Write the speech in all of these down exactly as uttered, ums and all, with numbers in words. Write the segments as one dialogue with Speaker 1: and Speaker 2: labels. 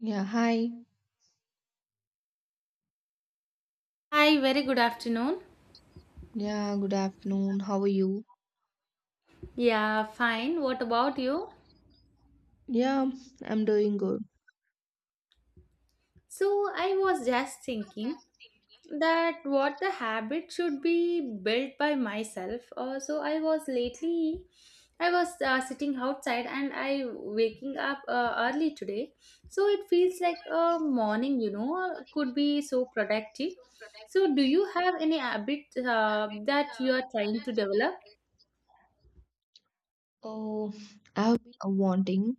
Speaker 1: Yeah, hi.
Speaker 2: Hi, very good afternoon.
Speaker 1: Yeah, good afternoon. How are you?
Speaker 2: Yeah, fine. What about you?
Speaker 1: Yeah, I'm doing good.
Speaker 2: So, I was just thinking that what the habit should be built by myself. Uh, so, I was lately, I was uh, sitting outside and I waking up uh, early today. So, it feels like a morning, you know, could be so productive. So, do you have any habit uh, that you are trying to develop?
Speaker 1: Oh, I've been uh, wanting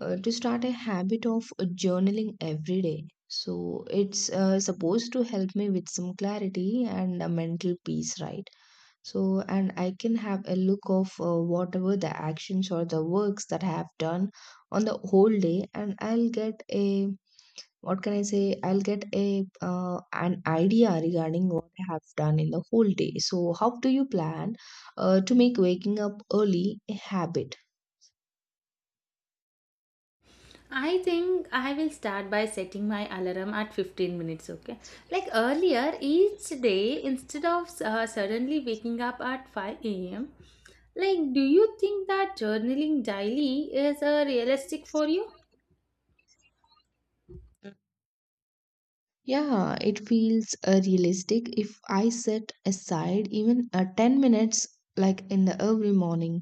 Speaker 1: uh, to start a habit of uh, journaling every day. So it's uh, supposed to help me with some clarity and a mental peace, right? So, and I can have a look of uh, whatever the actions or the works that I have done on the whole day, and I'll get a what can I say? I'll get a uh, an idea regarding what I have done in the whole day. So, how do you plan uh, to make waking up early a habit?
Speaker 2: I think I will start by setting my alarm at fifteen minutes, okay? Like earlier, each day, instead of uh, suddenly waking up at five a m, like, do you think that journaling daily is uh, realistic for you?
Speaker 1: Yeah, it feels uh, realistic if I set aside even uh, ten minutes, like in the early morning.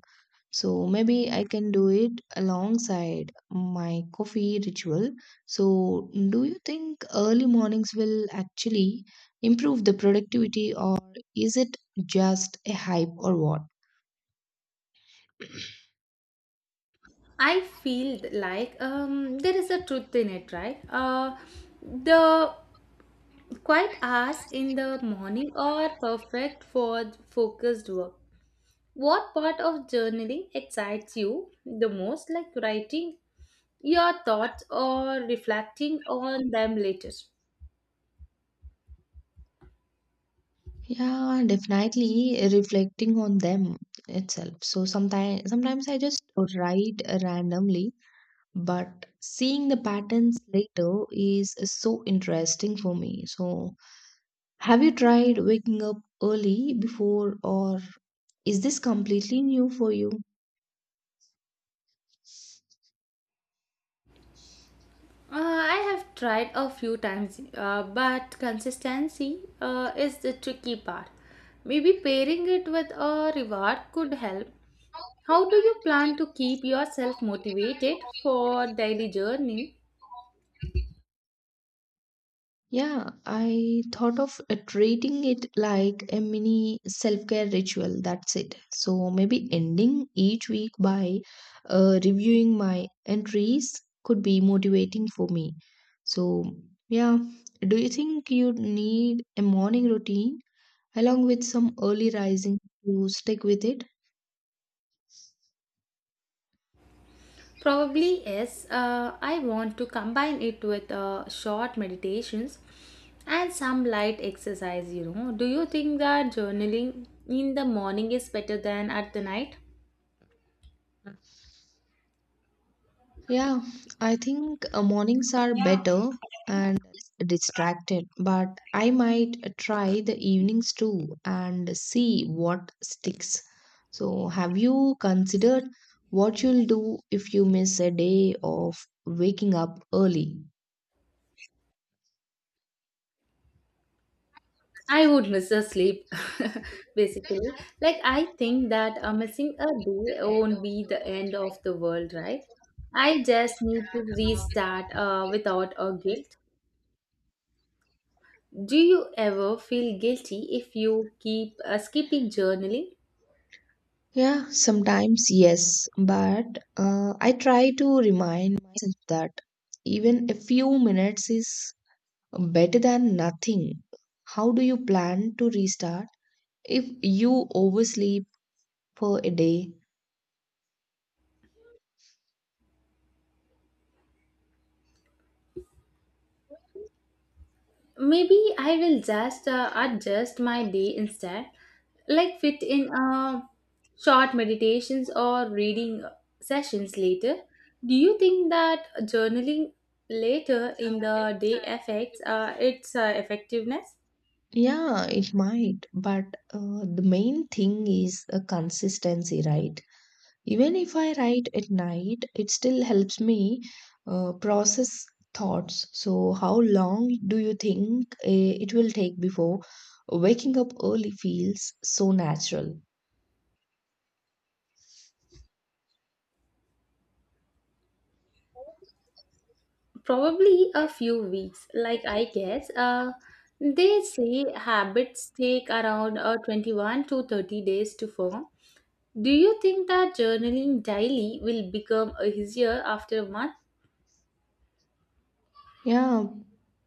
Speaker 1: So maybe I can do it alongside my coffee ritual. So, do you think early mornings will actually improve the productivity, or is it just a hype or what?
Speaker 2: I feel th- like um, there is a truth in it, right? Uh, the quiet hours in the morning are perfect for focused work. What part of journaling excites you the most, like writing your thoughts or reflecting on them later?
Speaker 1: Yeah, definitely reflecting on them itself. So sometimes sometimes I just write randomly, but seeing the patterns later is so interesting for me. So have you tried waking up early before, or is this completely new for you?
Speaker 2: Uh, I have tried a few times, uh, but consistency uh, is the tricky part. Maybe pairing it with a reward could help. How do you plan to keep yourself motivated for daily journey?
Speaker 1: Yeah, I thought of uh, treating it like a mini self care ritual. That's it. So maybe ending each week by uh, reviewing my entries could be motivating for me. So, yeah, do you think you need a morning routine along with some early rising to stick with it?
Speaker 2: Probably yes. Uh, I want to combine it with uh, short meditations and some light exercise, you know. Do you think that journaling in the morning is better than at the night?
Speaker 1: Yeah, I think uh, mornings are better and less distracted, but I might try the evenings too and see what sticks. So, have you considered what you'll do if you miss a day of waking up early?
Speaker 2: I would miss a sleep, basically. Like, I think that uh, missing a day won't be the end of the world, right? I just need to restart uh, without a guilt. Do you ever feel guilty if you keep uh, skipping journaling?
Speaker 1: Yeah, sometimes yes, but uh, I try to remind myself that even a few minutes is better than nothing. How do you plan to restart if you oversleep for a day?
Speaker 2: Maybe I will just uh, adjust my day instead, like fit in uh, short meditations or reading sessions later. Do you think that journaling later in the day affects uh, its uh, effectiveness?
Speaker 1: Yeah, it might, but uh, the main thing is a consistency, right? Even if I write at night, it still helps me uh, process thoughts. So, how long do you think uh, it will take before waking up early feels so natural?
Speaker 2: Probably a few weeks, like I guess. Uh, they say habits take around uh, twenty-one to thirty days to form. Do you think that journaling daily will become easier after a month?
Speaker 1: Yeah,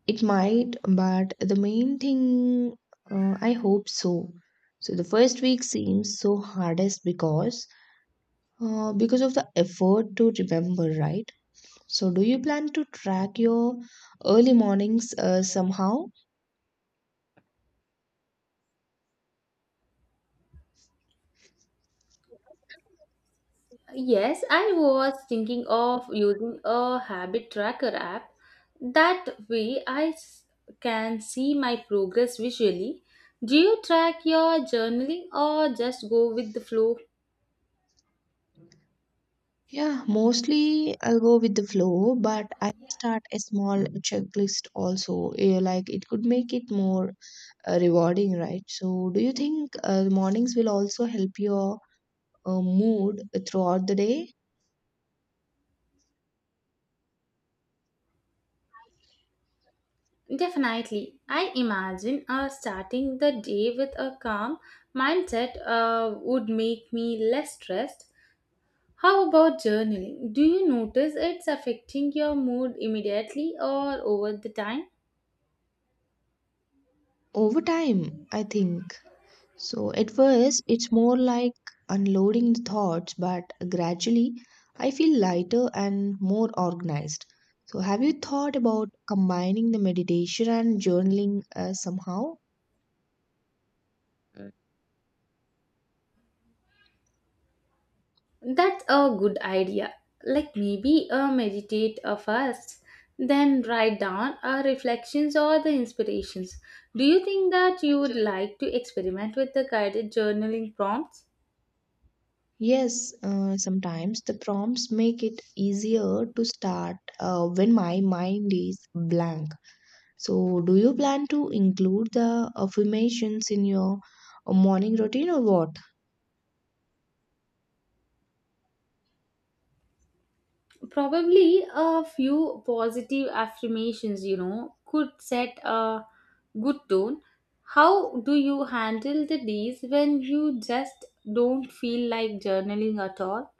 Speaker 1: it might, but the main thing, uh, I hope so. So, the first week seems so hardest because uh, because of the effort to remember, right? So, do you plan to track your early mornings uh, somehow?
Speaker 2: Yes, I was thinking of using a habit tracker app. That way I s- can see my progress visually. Do you track your journaling or just go with the flow?
Speaker 1: Yeah, mostly I'll go with the flow, but I may start a small checklist also. eh, Like it could make it more uh, rewarding, right? So, do you think uh, mornings will also help your uh, mood throughout the day?
Speaker 2: Definitely. I imagine uh, starting the day with a calm mindset uh, would make me less stressed. How about journaling? Do you notice it's affecting your mood immediately or over the time?
Speaker 1: Over time, I think. So at first, it's more like unloading the thoughts, but gradually I feel lighter and more organized. So have you thought about combining the meditation and journaling uh, somehow?
Speaker 2: That's a good idea. Like maybe uh, meditate uh, first, then write down our reflections or the inspirations. Do you think that you would like to experiment with the guided journaling prompts?
Speaker 1: Yes, uh, sometimes the prompts make it easier to start uh, when my mind is blank. So, do you plan to include the affirmations in your uh, morning routine or what?
Speaker 2: Probably a few positive affirmations, you know, could set a good tone. How do you handle the days when you just don't feel like journaling at all?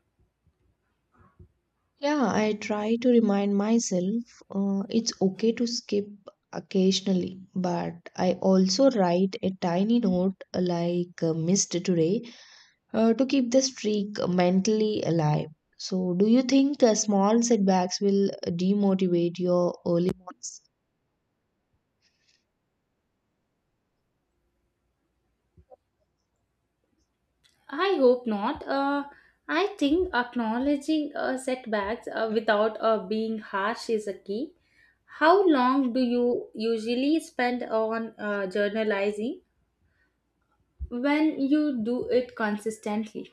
Speaker 1: Yeah, I try to remind myself uh, it's okay to skip occasionally, but I also write a tiny note uh, like uh, missed today, uh, to keep the streak mentally alive. So, do you think uh, small setbacks will uh, demotivate your early mornings?
Speaker 2: I hope not. Uh, I think acknowledging uh, setbacks uh, without uh, being harsh is a key. How long do you usually spend on uh, journalizing when you do it consistently?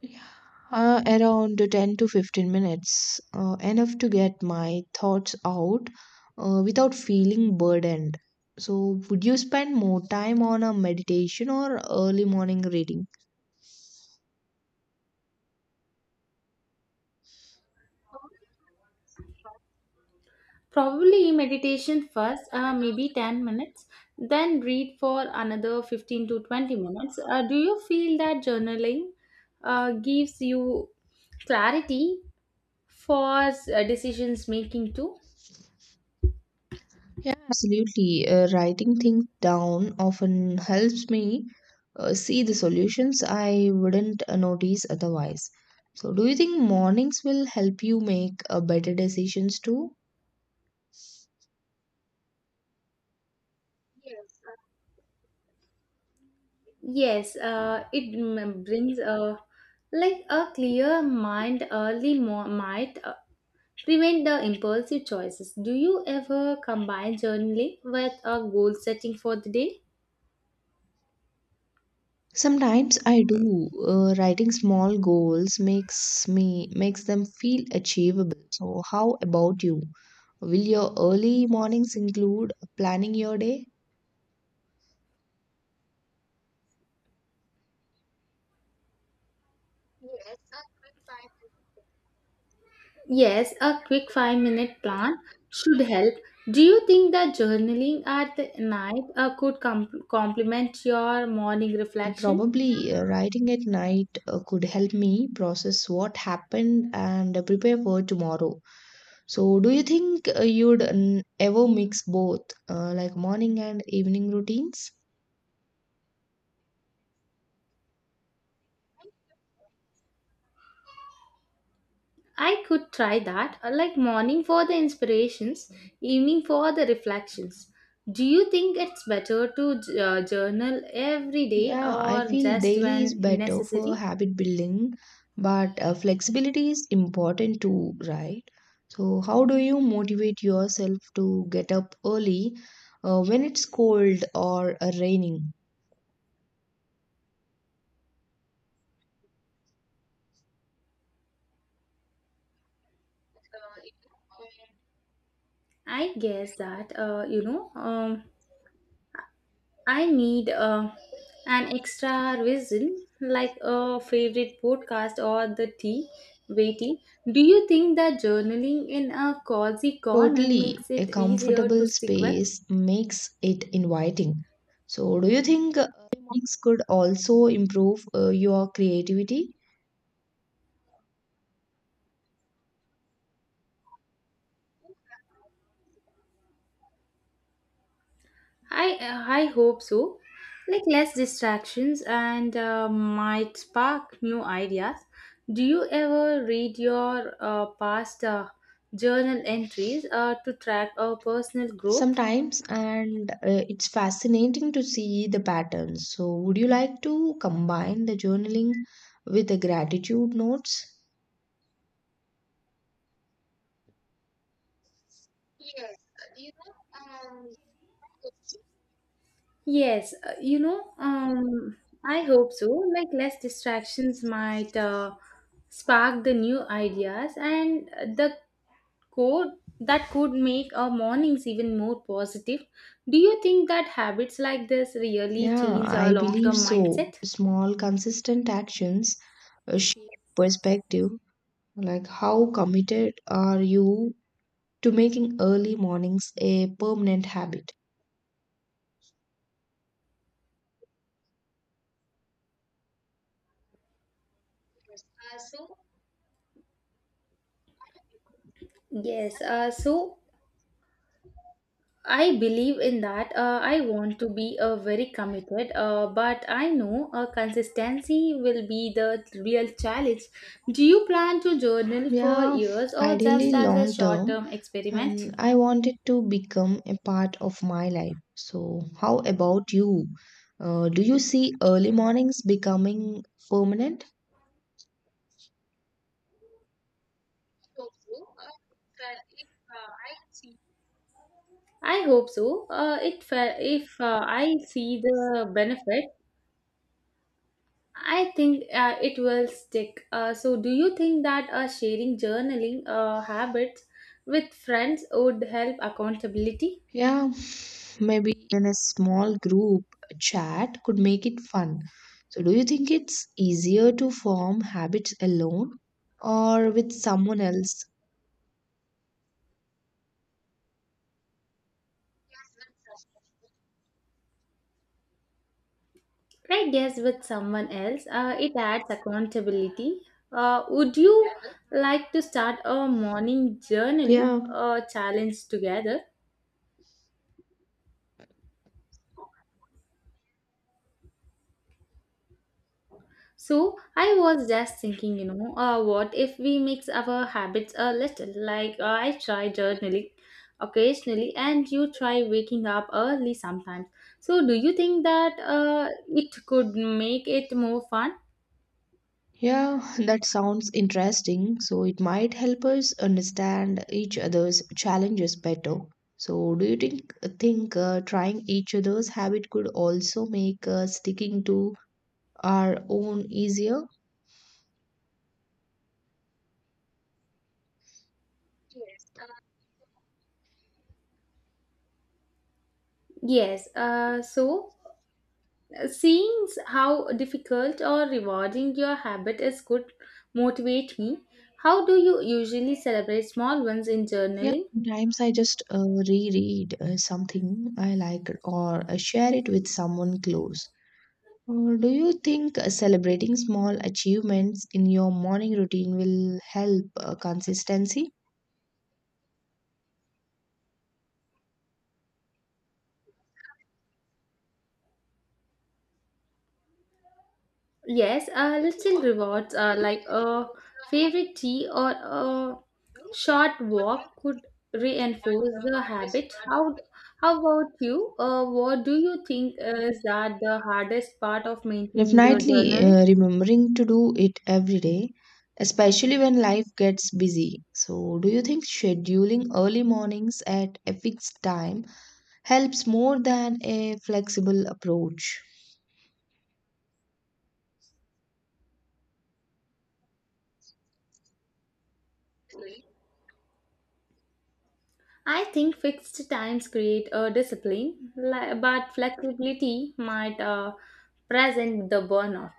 Speaker 1: Yeah, Uh, around ten to fifteen minutes, uh, enough to get my thoughts out uh, without feeling burdened. So, would you spend more time on a meditation or early morning reading?
Speaker 2: Probably meditation first, uh, maybe ten minutes, then read for another fifteen to twenty minutes. Uh, do you feel that journaling uh, gives you clarity for uh, decisions making too?
Speaker 1: Yeah, absolutely. Uh, writing things down often helps me uh, see the solutions I wouldn't uh, notice otherwise. So, do you think mornings will help you make uh, better decisions too?
Speaker 2: Yes, uh, it m- brings a like a clear mind early mo- might uh, prevent the impulsive choices. Do you ever combine journaling with a goal setting for the day?
Speaker 1: Sometimes I do. Uh, writing small goals makes me makes them feel achievable. So how about you? Will your early mornings include planning your day?
Speaker 2: Yes, a quick five minute plan should help. Do you think that journaling at the night uh, could com- complement your morning reflection?
Speaker 1: Probably uh, writing at night uh, could help me process what happened and prepare for tomorrow. So do you think uh, you'd mm, ever mix both, uh, like morning and evening routines?
Speaker 2: I could try that, uh, like morning for the inspirations, evening for the reflections. Do you think it's better to j- uh, journal every day
Speaker 1: Yeah, I
Speaker 2: or
Speaker 1: feel
Speaker 2: just
Speaker 1: daily is
Speaker 2: when
Speaker 1: better for
Speaker 2: necessary?
Speaker 1: habit building, but uh, flexibility is important too, right? So, how do you motivate yourself to get up early uh, when it's cold or uh, raining?
Speaker 2: I guess that, uh, you know, um, I need uh, an extra reason, like a favorite podcast or the tea, waiting. Do you think that journaling in a cozy corner makes
Speaker 1: Totally, a
Speaker 2: it easier to
Speaker 1: comfortable
Speaker 2: stick with?
Speaker 1: space makes it inviting. So, do you think uh, early mornings could also improve uh, your creativity?
Speaker 2: I uh, I hope so. Like less distractions and uh, might spark new ideas. Do you ever read your uh, past uh, journal entries uh, to track our personal growth?
Speaker 1: Sometimes, and uh, it's fascinating to see the patterns. So, would you like to combine the journaling with the gratitude notes?
Speaker 2: Yes, uh, you know, um, I hope so. Like less distractions might uh, spark the new ideas and the Code that could make our mornings even more positive. Do you think that habits like this really
Speaker 1: Yeah,
Speaker 2: change our
Speaker 1: I
Speaker 2: long
Speaker 1: believe
Speaker 2: term
Speaker 1: so.
Speaker 2: mindset?
Speaker 1: Small, consistent actions uh, shape perspective. Like, how committed are you to making early mornings a permanent habit?
Speaker 2: Yes, uh, so I believe in that. Uh, I want to be uh, very committed, uh, but I know uh, consistency will be the real challenge. Do you plan to journal for
Speaker 1: Yeah,
Speaker 2: years or just
Speaker 1: ideally
Speaker 2: as a
Speaker 1: long
Speaker 2: short
Speaker 1: term,
Speaker 2: term experiment?
Speaker 1: and I want it to become a part of my life. So, how about you? Uh, do you see early mornings becoming permanent?
Speaker 2: I hope so. Uh, it fe- if uh, I see the benefit, I think uh, it will stick. Uh, so, do you think that uh, sharing journaling uh, habits with friends would help accountability?
Speaker 1: Yeah, maybe even a small group chat could make it fun. So, do you think it's easier to form habits alone or with someone else?
Speaker 2: Right, yes, with someone else, uh, it adds accountability. Uh, would you like to start a morning journaling
Speaker 1: Yeah.
Speaker 2: uh, challenge together? So I was just thinking, you know, uh, what if we mix our habits a little? Like uh, I try journaling occasionally, and you try waking up early sometimes. So do you think that uh, it could make it more fun?
Speaker 1: Yeah, that sounds interesting. So it might help us understand each other's challenges better. So do you think think uh, trying each other's habit could also make uh, sticking to our own easier? Yes. Uh,
Speaker 2: Yes. Uh, so uh, seeing s- how difficult or rewarding your habit is could motivate me. How do you usually celebrate small ones in
Speaker 1: Yeah,
Speaker 2: journaling?
Speaker 1: sometimes I just uh, reread uh, something I like or uh, share it with someone close. Or do you think uh, celebrating small achievements in your morning routine will help uh, consistency?
Speaker 2: Yes, uh, little
Speaker 1: What
Speaker 2: rewards uh,
Speaker 1: could
Speaker 2: like
Speaker 1: break
Speaker 2: a
Speaker 1: the
Speaker 2: favorite
Speaker 1: habits?
Speaker 2: tea or a
Speaker 1: You are
Speaker 2: short walk could
Speaker 1: what is that
Speaker 2: reinforce
Speaker 1: the
Speaker 2: the
Speaker 1: hardest
Speaker 2: habit.
Speaker 1: part of
Speaker 2: How
Speaker 1: my
Speaker 2: how about you? Uh, what do you think is that the hardest part of maintaining the
Speaker 1: definitely
Speaker 2: journaling?
Speaker 1: uh, remembering to do it every day, especially when life gets busy. So, do you think scheduling early mornings at a fixed time helps more than a flexible approach?
Speaker 2: I think fixed times create a discipline, li- but flexibility might uh, present the burnout.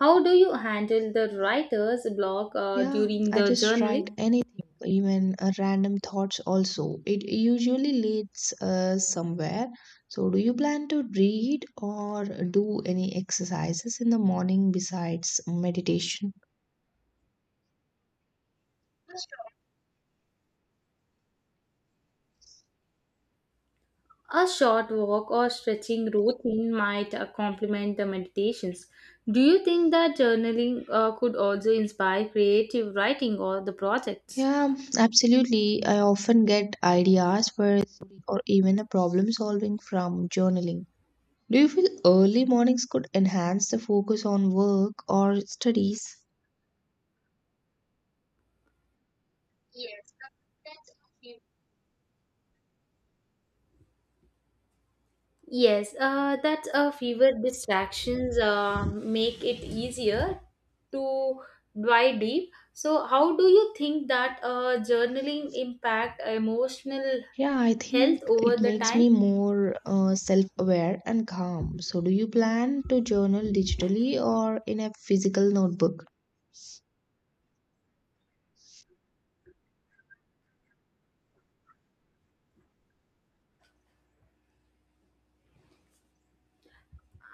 Speaker 2: How do you handle the writer's block uh,
Speaker 1: Yeah,
Speaker 2: during
Speaker 1: I
Speaker 2: the
Speaker 1: just
Speaker 2: journaling?
Speaker 1: write anything, even uh, random thoughts also. It usually leads uh, somewhere. So, do you plan to read or do any exercises in the morning besides meditation?
Speaker 2: A short walk or stretching routine might uh, complement the meditations. Do you think that journaling uh, could also inspire creative writing or the projects?
Speaker 1: Yeah, absolutely. I often get ideas for story or even a problem solving from journaling. Do you feel early mornings could enhance the focus on work or studies?
Speaker 2: Yes, uh, that uh, fewer distractions uh, make it easier to dive deep. So, how do you think that uh, journaling impact emotional
Speaker 1: Yeah, I
Speaker 2: health
Speaker 1: think
Speaker 2: over
Speaker 1: it
Speaker 2: the
Speaker 1: makes
Speaker 2: time?
Speaker 1: me more uh, self-aware and calm. So, do you plan to journal digitally or in a physical notebook?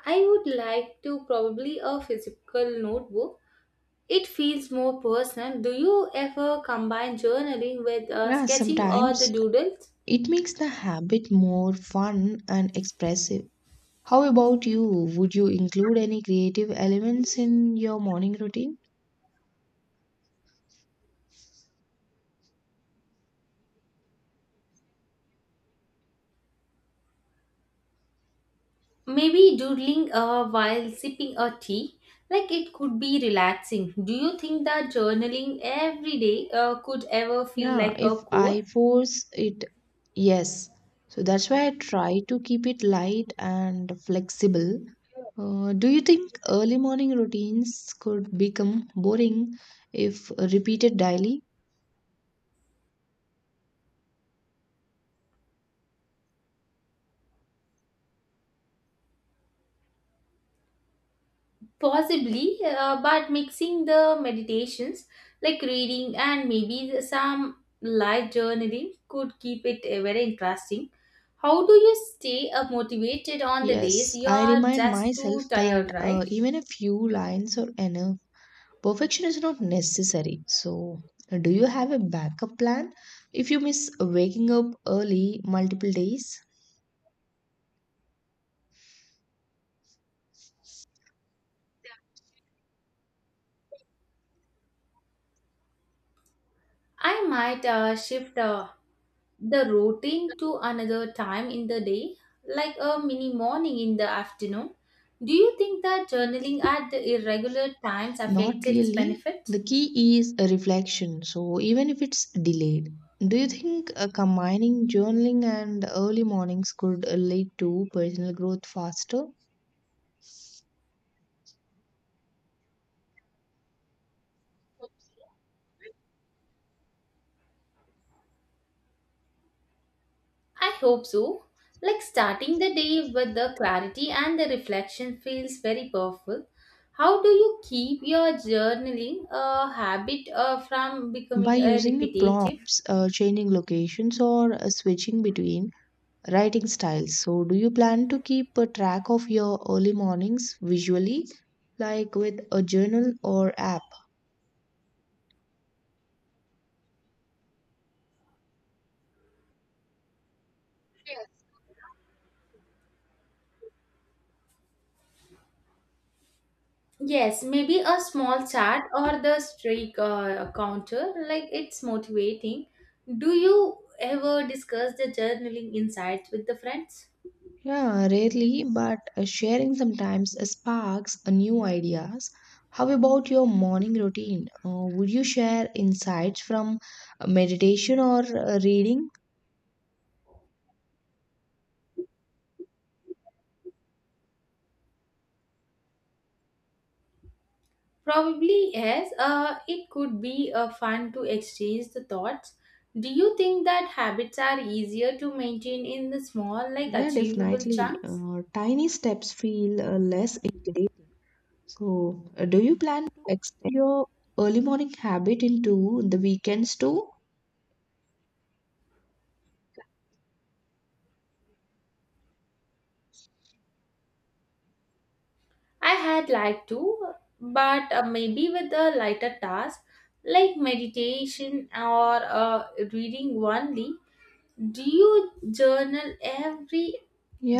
Speaker 2: I would like to probably a physical notebook. It feels more personal. Do you ever combine journaling with uh,
Speaker 1: Yeah,
Speaker 2: sketching or the
Speaker 1: sometimes
Speaker 2: doodles?
Speaker 1: it makes the habit more fun and expressive. How about you? Would you include any creative elements in your morning routine?
Speaker 2: Maybe doodling uh, while sipping a tea? Like it could be relaxing. Do you think that journaling every day uh, could ever feel
Speaker 1: Yeah,
Speaker 2: like a
Speaker 1: if I
Speaker 2: chore?
Speaker 1: force it, yes. So that's why I try to keep it light and flexible. Uh, do you think early morning routines could become boring if repeated daily?
Speaker 2: Possibly, uh, but mixing the meditations like reading and maybe the- some live journaling could keep it uh, very interesting. How do you stay uh, motivated on the days
Speaker 1: Yes,
Speaker 2: you
Speaker 1: I
Speaker 2: are
Speaker 1: remind
Speaker 2: just
Speaker 1: myself
Speaker 2: too
Speaker 1: that
Speaker 2: tired,
Speaker 1: uh,
Speaker 2: right?
Speaker 1: even a few lines are enough. Perfection is not necessary. So, do you have a backup plan if you miss waking up early multiple days?
Speaker 2: I might uh, shift uh, the routine to another time in the day, like a mini morning in the afternoon. Do you think that journaling at the irregular times affects
Speaker 1: Not
Speaker 2: its
Speaker 1: really.
Speaker 2: benefit?
Speaker 1: The key is a reflection, so even if it's delayed. Do you think uh, combining journaling and early mornings could uh, lead to personal growth faster?
Speaker 2: I hope so. Like starting the day with the clarity and the reflection feels very powerful. How do you keep your journaling uh, habit uh, from
Speaker 1: By
Speaker 2: becoming uh,
Speaker 1: using the
Speaker 2: repetitive?
Speaker 1: prompts, uh, changing locations, or uh, switching between writing styles. So, do you plan to keep a track of your early mornings visually, like with a journal or app?
Speaker 2: Yes, maybe a small chart or the streak uh, counter, like it's motivating. Do you ever discuss the journaling insights with the friends?
Speaker 1: Yeah, rarely, but uh, sharing sometimes sparks uh, new ideas. How about your morning routine? Uh, would you share insights from uh, meditation or uh, reading?
Speaker 2: Probably yes. Uh, it could be uh, fun to exchange the thoughts. Do you think that habits are easier to maintain in the small, like
Speaker 1: Yeah,
Speaker 2: achievable
Speaker 1: definitely.
Speaker 2: chunks?
Speaker 1: Uh, tiny steps feel uh, less intimidating. So, uh, do you plan to extend your early morning habit into the weekends too?
Speaker 2: I had like to, but uh, maybe with a lighter task like meditation or uh, reading only. Do you journal every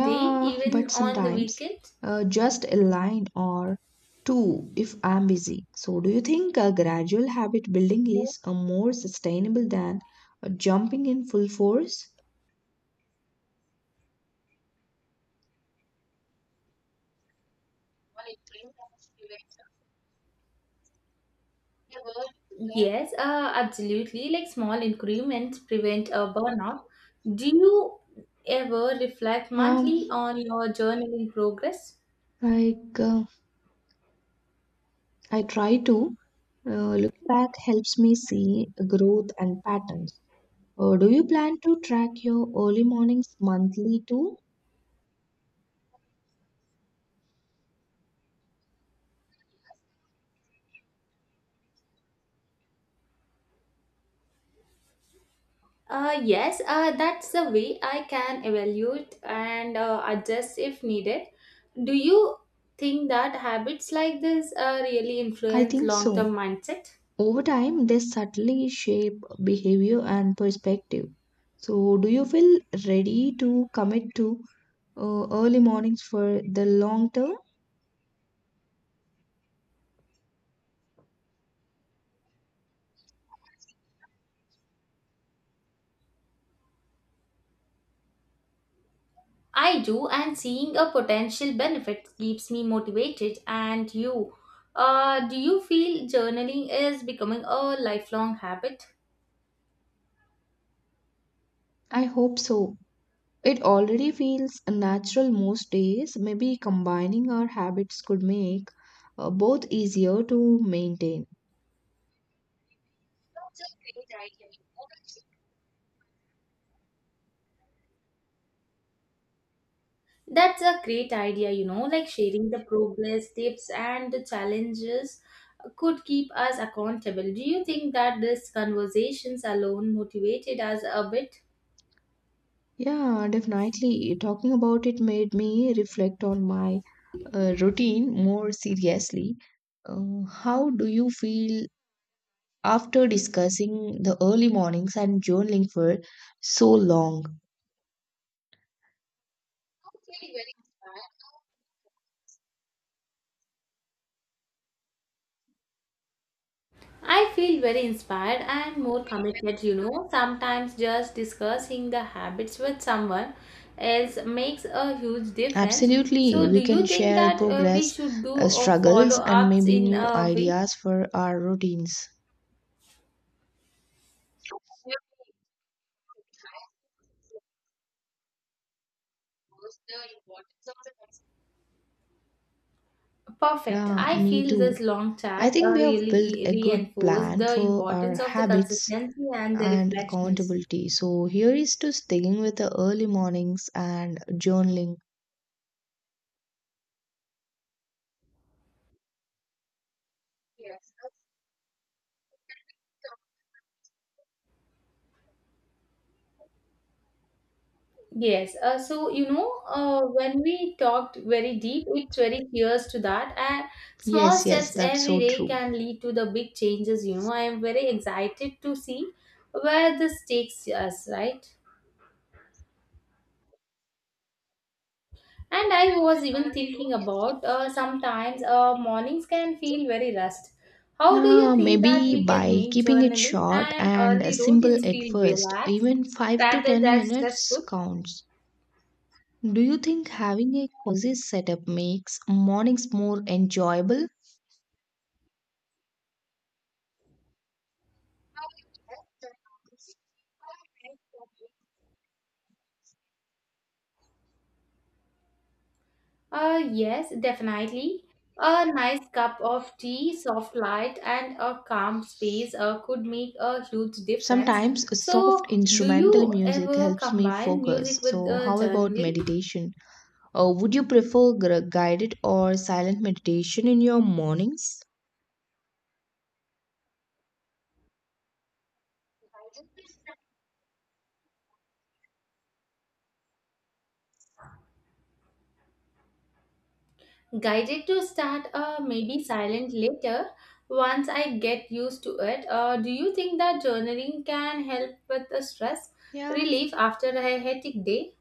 Speaker 2: day,
Speaker 1: but
Speaker 2: even on the
Speaker 1: sometimes
Speaker 2: weekends?
Speaker 1: uh, just a line or two if I'm busy. So, do you think a gradual habit building is a more sustainable than uh, jumping in full force?
Speaker 2: Yes, uh, absolutely. Like small increments prevent a burnout. Do you ever reflect
Speaker 1: Yeah,
Speaker 2: monthly on your journaling progress?
Speaker 1: like uh, I try to. Uh, look back helps me see growth and patterns. Uh, do you plan to track your early mornings monthly too?
Speaker 2: Uh, yes, uh, that's the way I can evaluate and uh, adjust if needed. Do you think that habits like this uh, really
Speaker 1: I
Speaker 2: influence
Speaker 1: think
Speaker 2: long
Speaker 1: so.
Speaker 2: term mindset?
Speaker 1: Over time, they subtly shape behavior and perspective. So, do you feel ready to commit to uh, early mornings for the long term?
Speaker 2: I do, and seeing a potential benefit keeps me motivated. And you, uh, do you feel journaling is becoming a lifelong habit?
Speaker 1: I hope so. It already feels natural most days. Maybe combining our habits could make uh, both easier to maintain. That's a great idea.
Speaker 2: That's a great idea, you know, like sharing the progress, tips, and the challenges could keep us accountable. Do you think that these conversations alone motivated us a bit?
Speaker 1: Yeah, definitely. Talking about it made me reflect on my uh, routine more seriously. Uh, how do you feel after discussing the early mornings and journaling for so long?
Speaker 2: I feel very inspired and more committed, you know. Sometimes just discussing the habits with someone else makes a huge difference.
Speaker 1: Absolutely.
Speaker 2: So, do
Speaker 1: We can
Speaker 2: you think
Speaker 1: share
Speaker 2: that uh, we
Speaker 1: progress,
Speaker 2: should do
Speaker 1: uh,
Speaker 2: a follow
Speaker 1: struggles, and
Speaker 2: ups
Speaker 1: maybe
Speaker 2: in
Speaker 1: new
Speaker 2: a week?
Speaker 1: ideas for our routines.
Speaker 2: Perfect.
Speaker 1: Yeah,
Speaker 2: I
Speaker 1: me
Speaker 2: feel this
Speaker 1: too.
Speaker 2: long
Speaker 1: I
Speaker 2: chat uh,
Speaker 1: think we have
Speaker 2: really
Speaker 1: built
Speaker 2: e-
Speaker 1: a good
Speaker 2: reinforced
Speaker 1: plan
Speaker 2: the
Speaker 1: for our
Speaker 2: importance of the
Speaker 1: habits
Speaker 2: consistency and the
Speaker 1: and
Speaker 2: reflections.
Speaker 1: accountability. So here is to sticking with the early mornings and journaling.
Speaker 2: Yes. Uh, so, you know, uh, when we talked very deep, it's very clear to that. Uh, small
Speaker 1: Yes, yes,
Speaker 2: steps
Speaker 1: that's
Speaker 2: every
Speaker 1: so
Speaker 2: day
Speaker 1: true.
Speaker 2: can lead to the big changes, you know. I am very excited to see where this takes us, right? And I was even thinking about uh, sometimes uh, mornings can feel very rushed. How do you
Speaker 1: Yeah,
Speaker 2: think that
Speaker 1: maybe
Speaker 2: we can
Speaker 1: by
Speaker 2: make
Speaker 1: keeping it
Speaker 2: journaling
Speaker 1: short
Speaker 2: and
Speaker 1: and
Speaker 2: early routines
Speaker 1: simple at
Speaker 2: feel
Speaker 1: first,
Speaker 2: relaxed
Speaker 1: even five to
Speaker 2: rather
Speaker 1: ten
Speaker 2: than
Speaker 1: minutes
Speaker 2: stressful?
Speaker 1: counts. Do you think having a cozy setup makes mornings more enjoyable?
Speaker 2: Uh, yes, definitely. A nice cup of tea, soft light, and a calm space uh, could make a huge difference.
Speaker 1: Sometimes a soft
Speaker 2: So, do
Speaker 1: instrumental
Speaker 2: you
Speaker 1: music
Speaker 2: ever
Speaker 1: helps me
Speaker 2: combine
Speaker 1: focus.
Speaker 2: music with
Speaker 1: So,
Speaker 2: uh,
Speaker 1: how about
Speaker 2: journaling?
Speaker 1: meditation? Uh, would you prefer gr- guided or silent meditation in your mornings?
Speaker 2: Guided to start, uh, maybe silent later. Once I get used to it, uh, do you think that journaling can help with the stress
Speaker 1: Yeah,
Speaker 2: relief after a hectic day?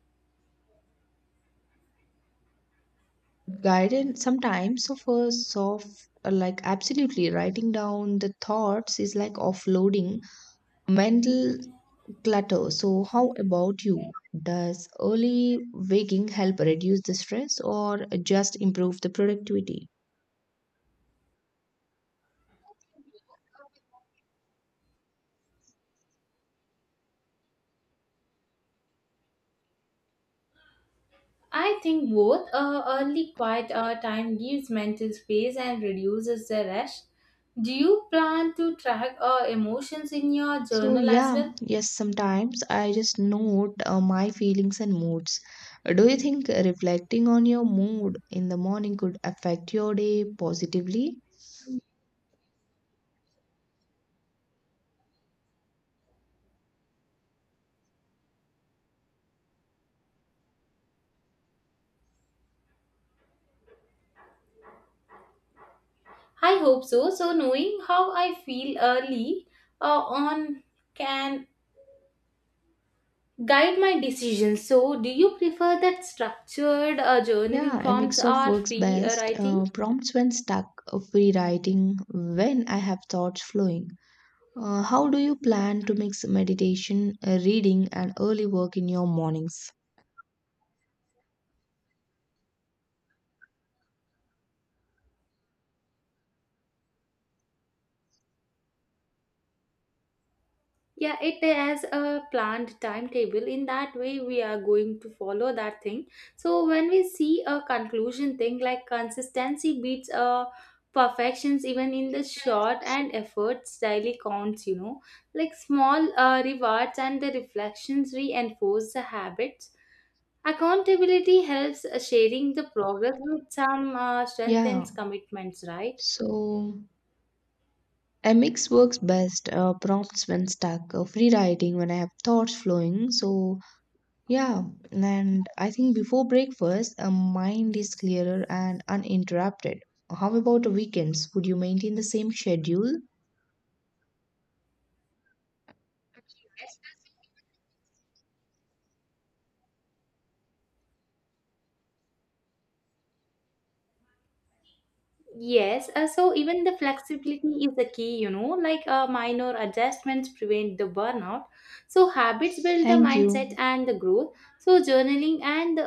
Speaker 1: guided. Sometimes of a soft, uh, like absolutely writing down the thoughts is like offloading mental clutter. So, how about you? Does early waking help reduce the stress or just improve the productivity?
Speaker 2: I think both. Uh, early quiet uh, time gives mental space and reduces the rush. Do you plan to track uh, emotions in your
Speaker 1: So,
Speaker 2: journal as well?
Speaker 1: yeah, yes, sometimes I just note uh, my feelings and moods. Do you think reflecting on your mood in the morning could affect your day positively?
Speaker 2: I hope so. So, knowing how I feel early uh, on can guide my decisions. So, do you prefer that structured uh, journaling
Speaker 1: Yeah, a
Speaker 2: prompts
Speaker 1: mix of
Speaker 2: or
Speaker 1: works
Speaker 2: free uh,
Speaker 1: best. Uh,
Speaker 2: writing?
Speaker 1: prompts when stuck, uh, free writing when I have thoughts flowing. Uh, how do you plan to mix meditation, uh, reading, and early work in your mornings?
Speaker 2: Yeah, it has a planned timetable. In that way, we are going to follow that thing. So when we see a conclusion thing like consistency beats uh, perfections, even in the short and efforts daily counts. You know, like small uh, rewards and the reflections reinforce the habits. Accountability helps uh, sharing the progress, with some uh,
Speaker 1: Yeah,
Speaker 2: strengthens commitments, right?
Speaker 1: so a mix works best. Uh, prompts when stuck, uh, free writing when I have thoughts flowing. So, yeah, and I think before breakfast, a mind is clearer and uninterrupted. How about weekends? Would you maintain the same schedule?
Speaker 2: Yes, uh, so even the flexibility is the key, you know, like uh, minor adjustments prevent the burnout. So habits build the
Speaker 1: Thank
Speaker 2: mindset
Speaker 1: you.
Speaker 2: and the growth. So journaling and the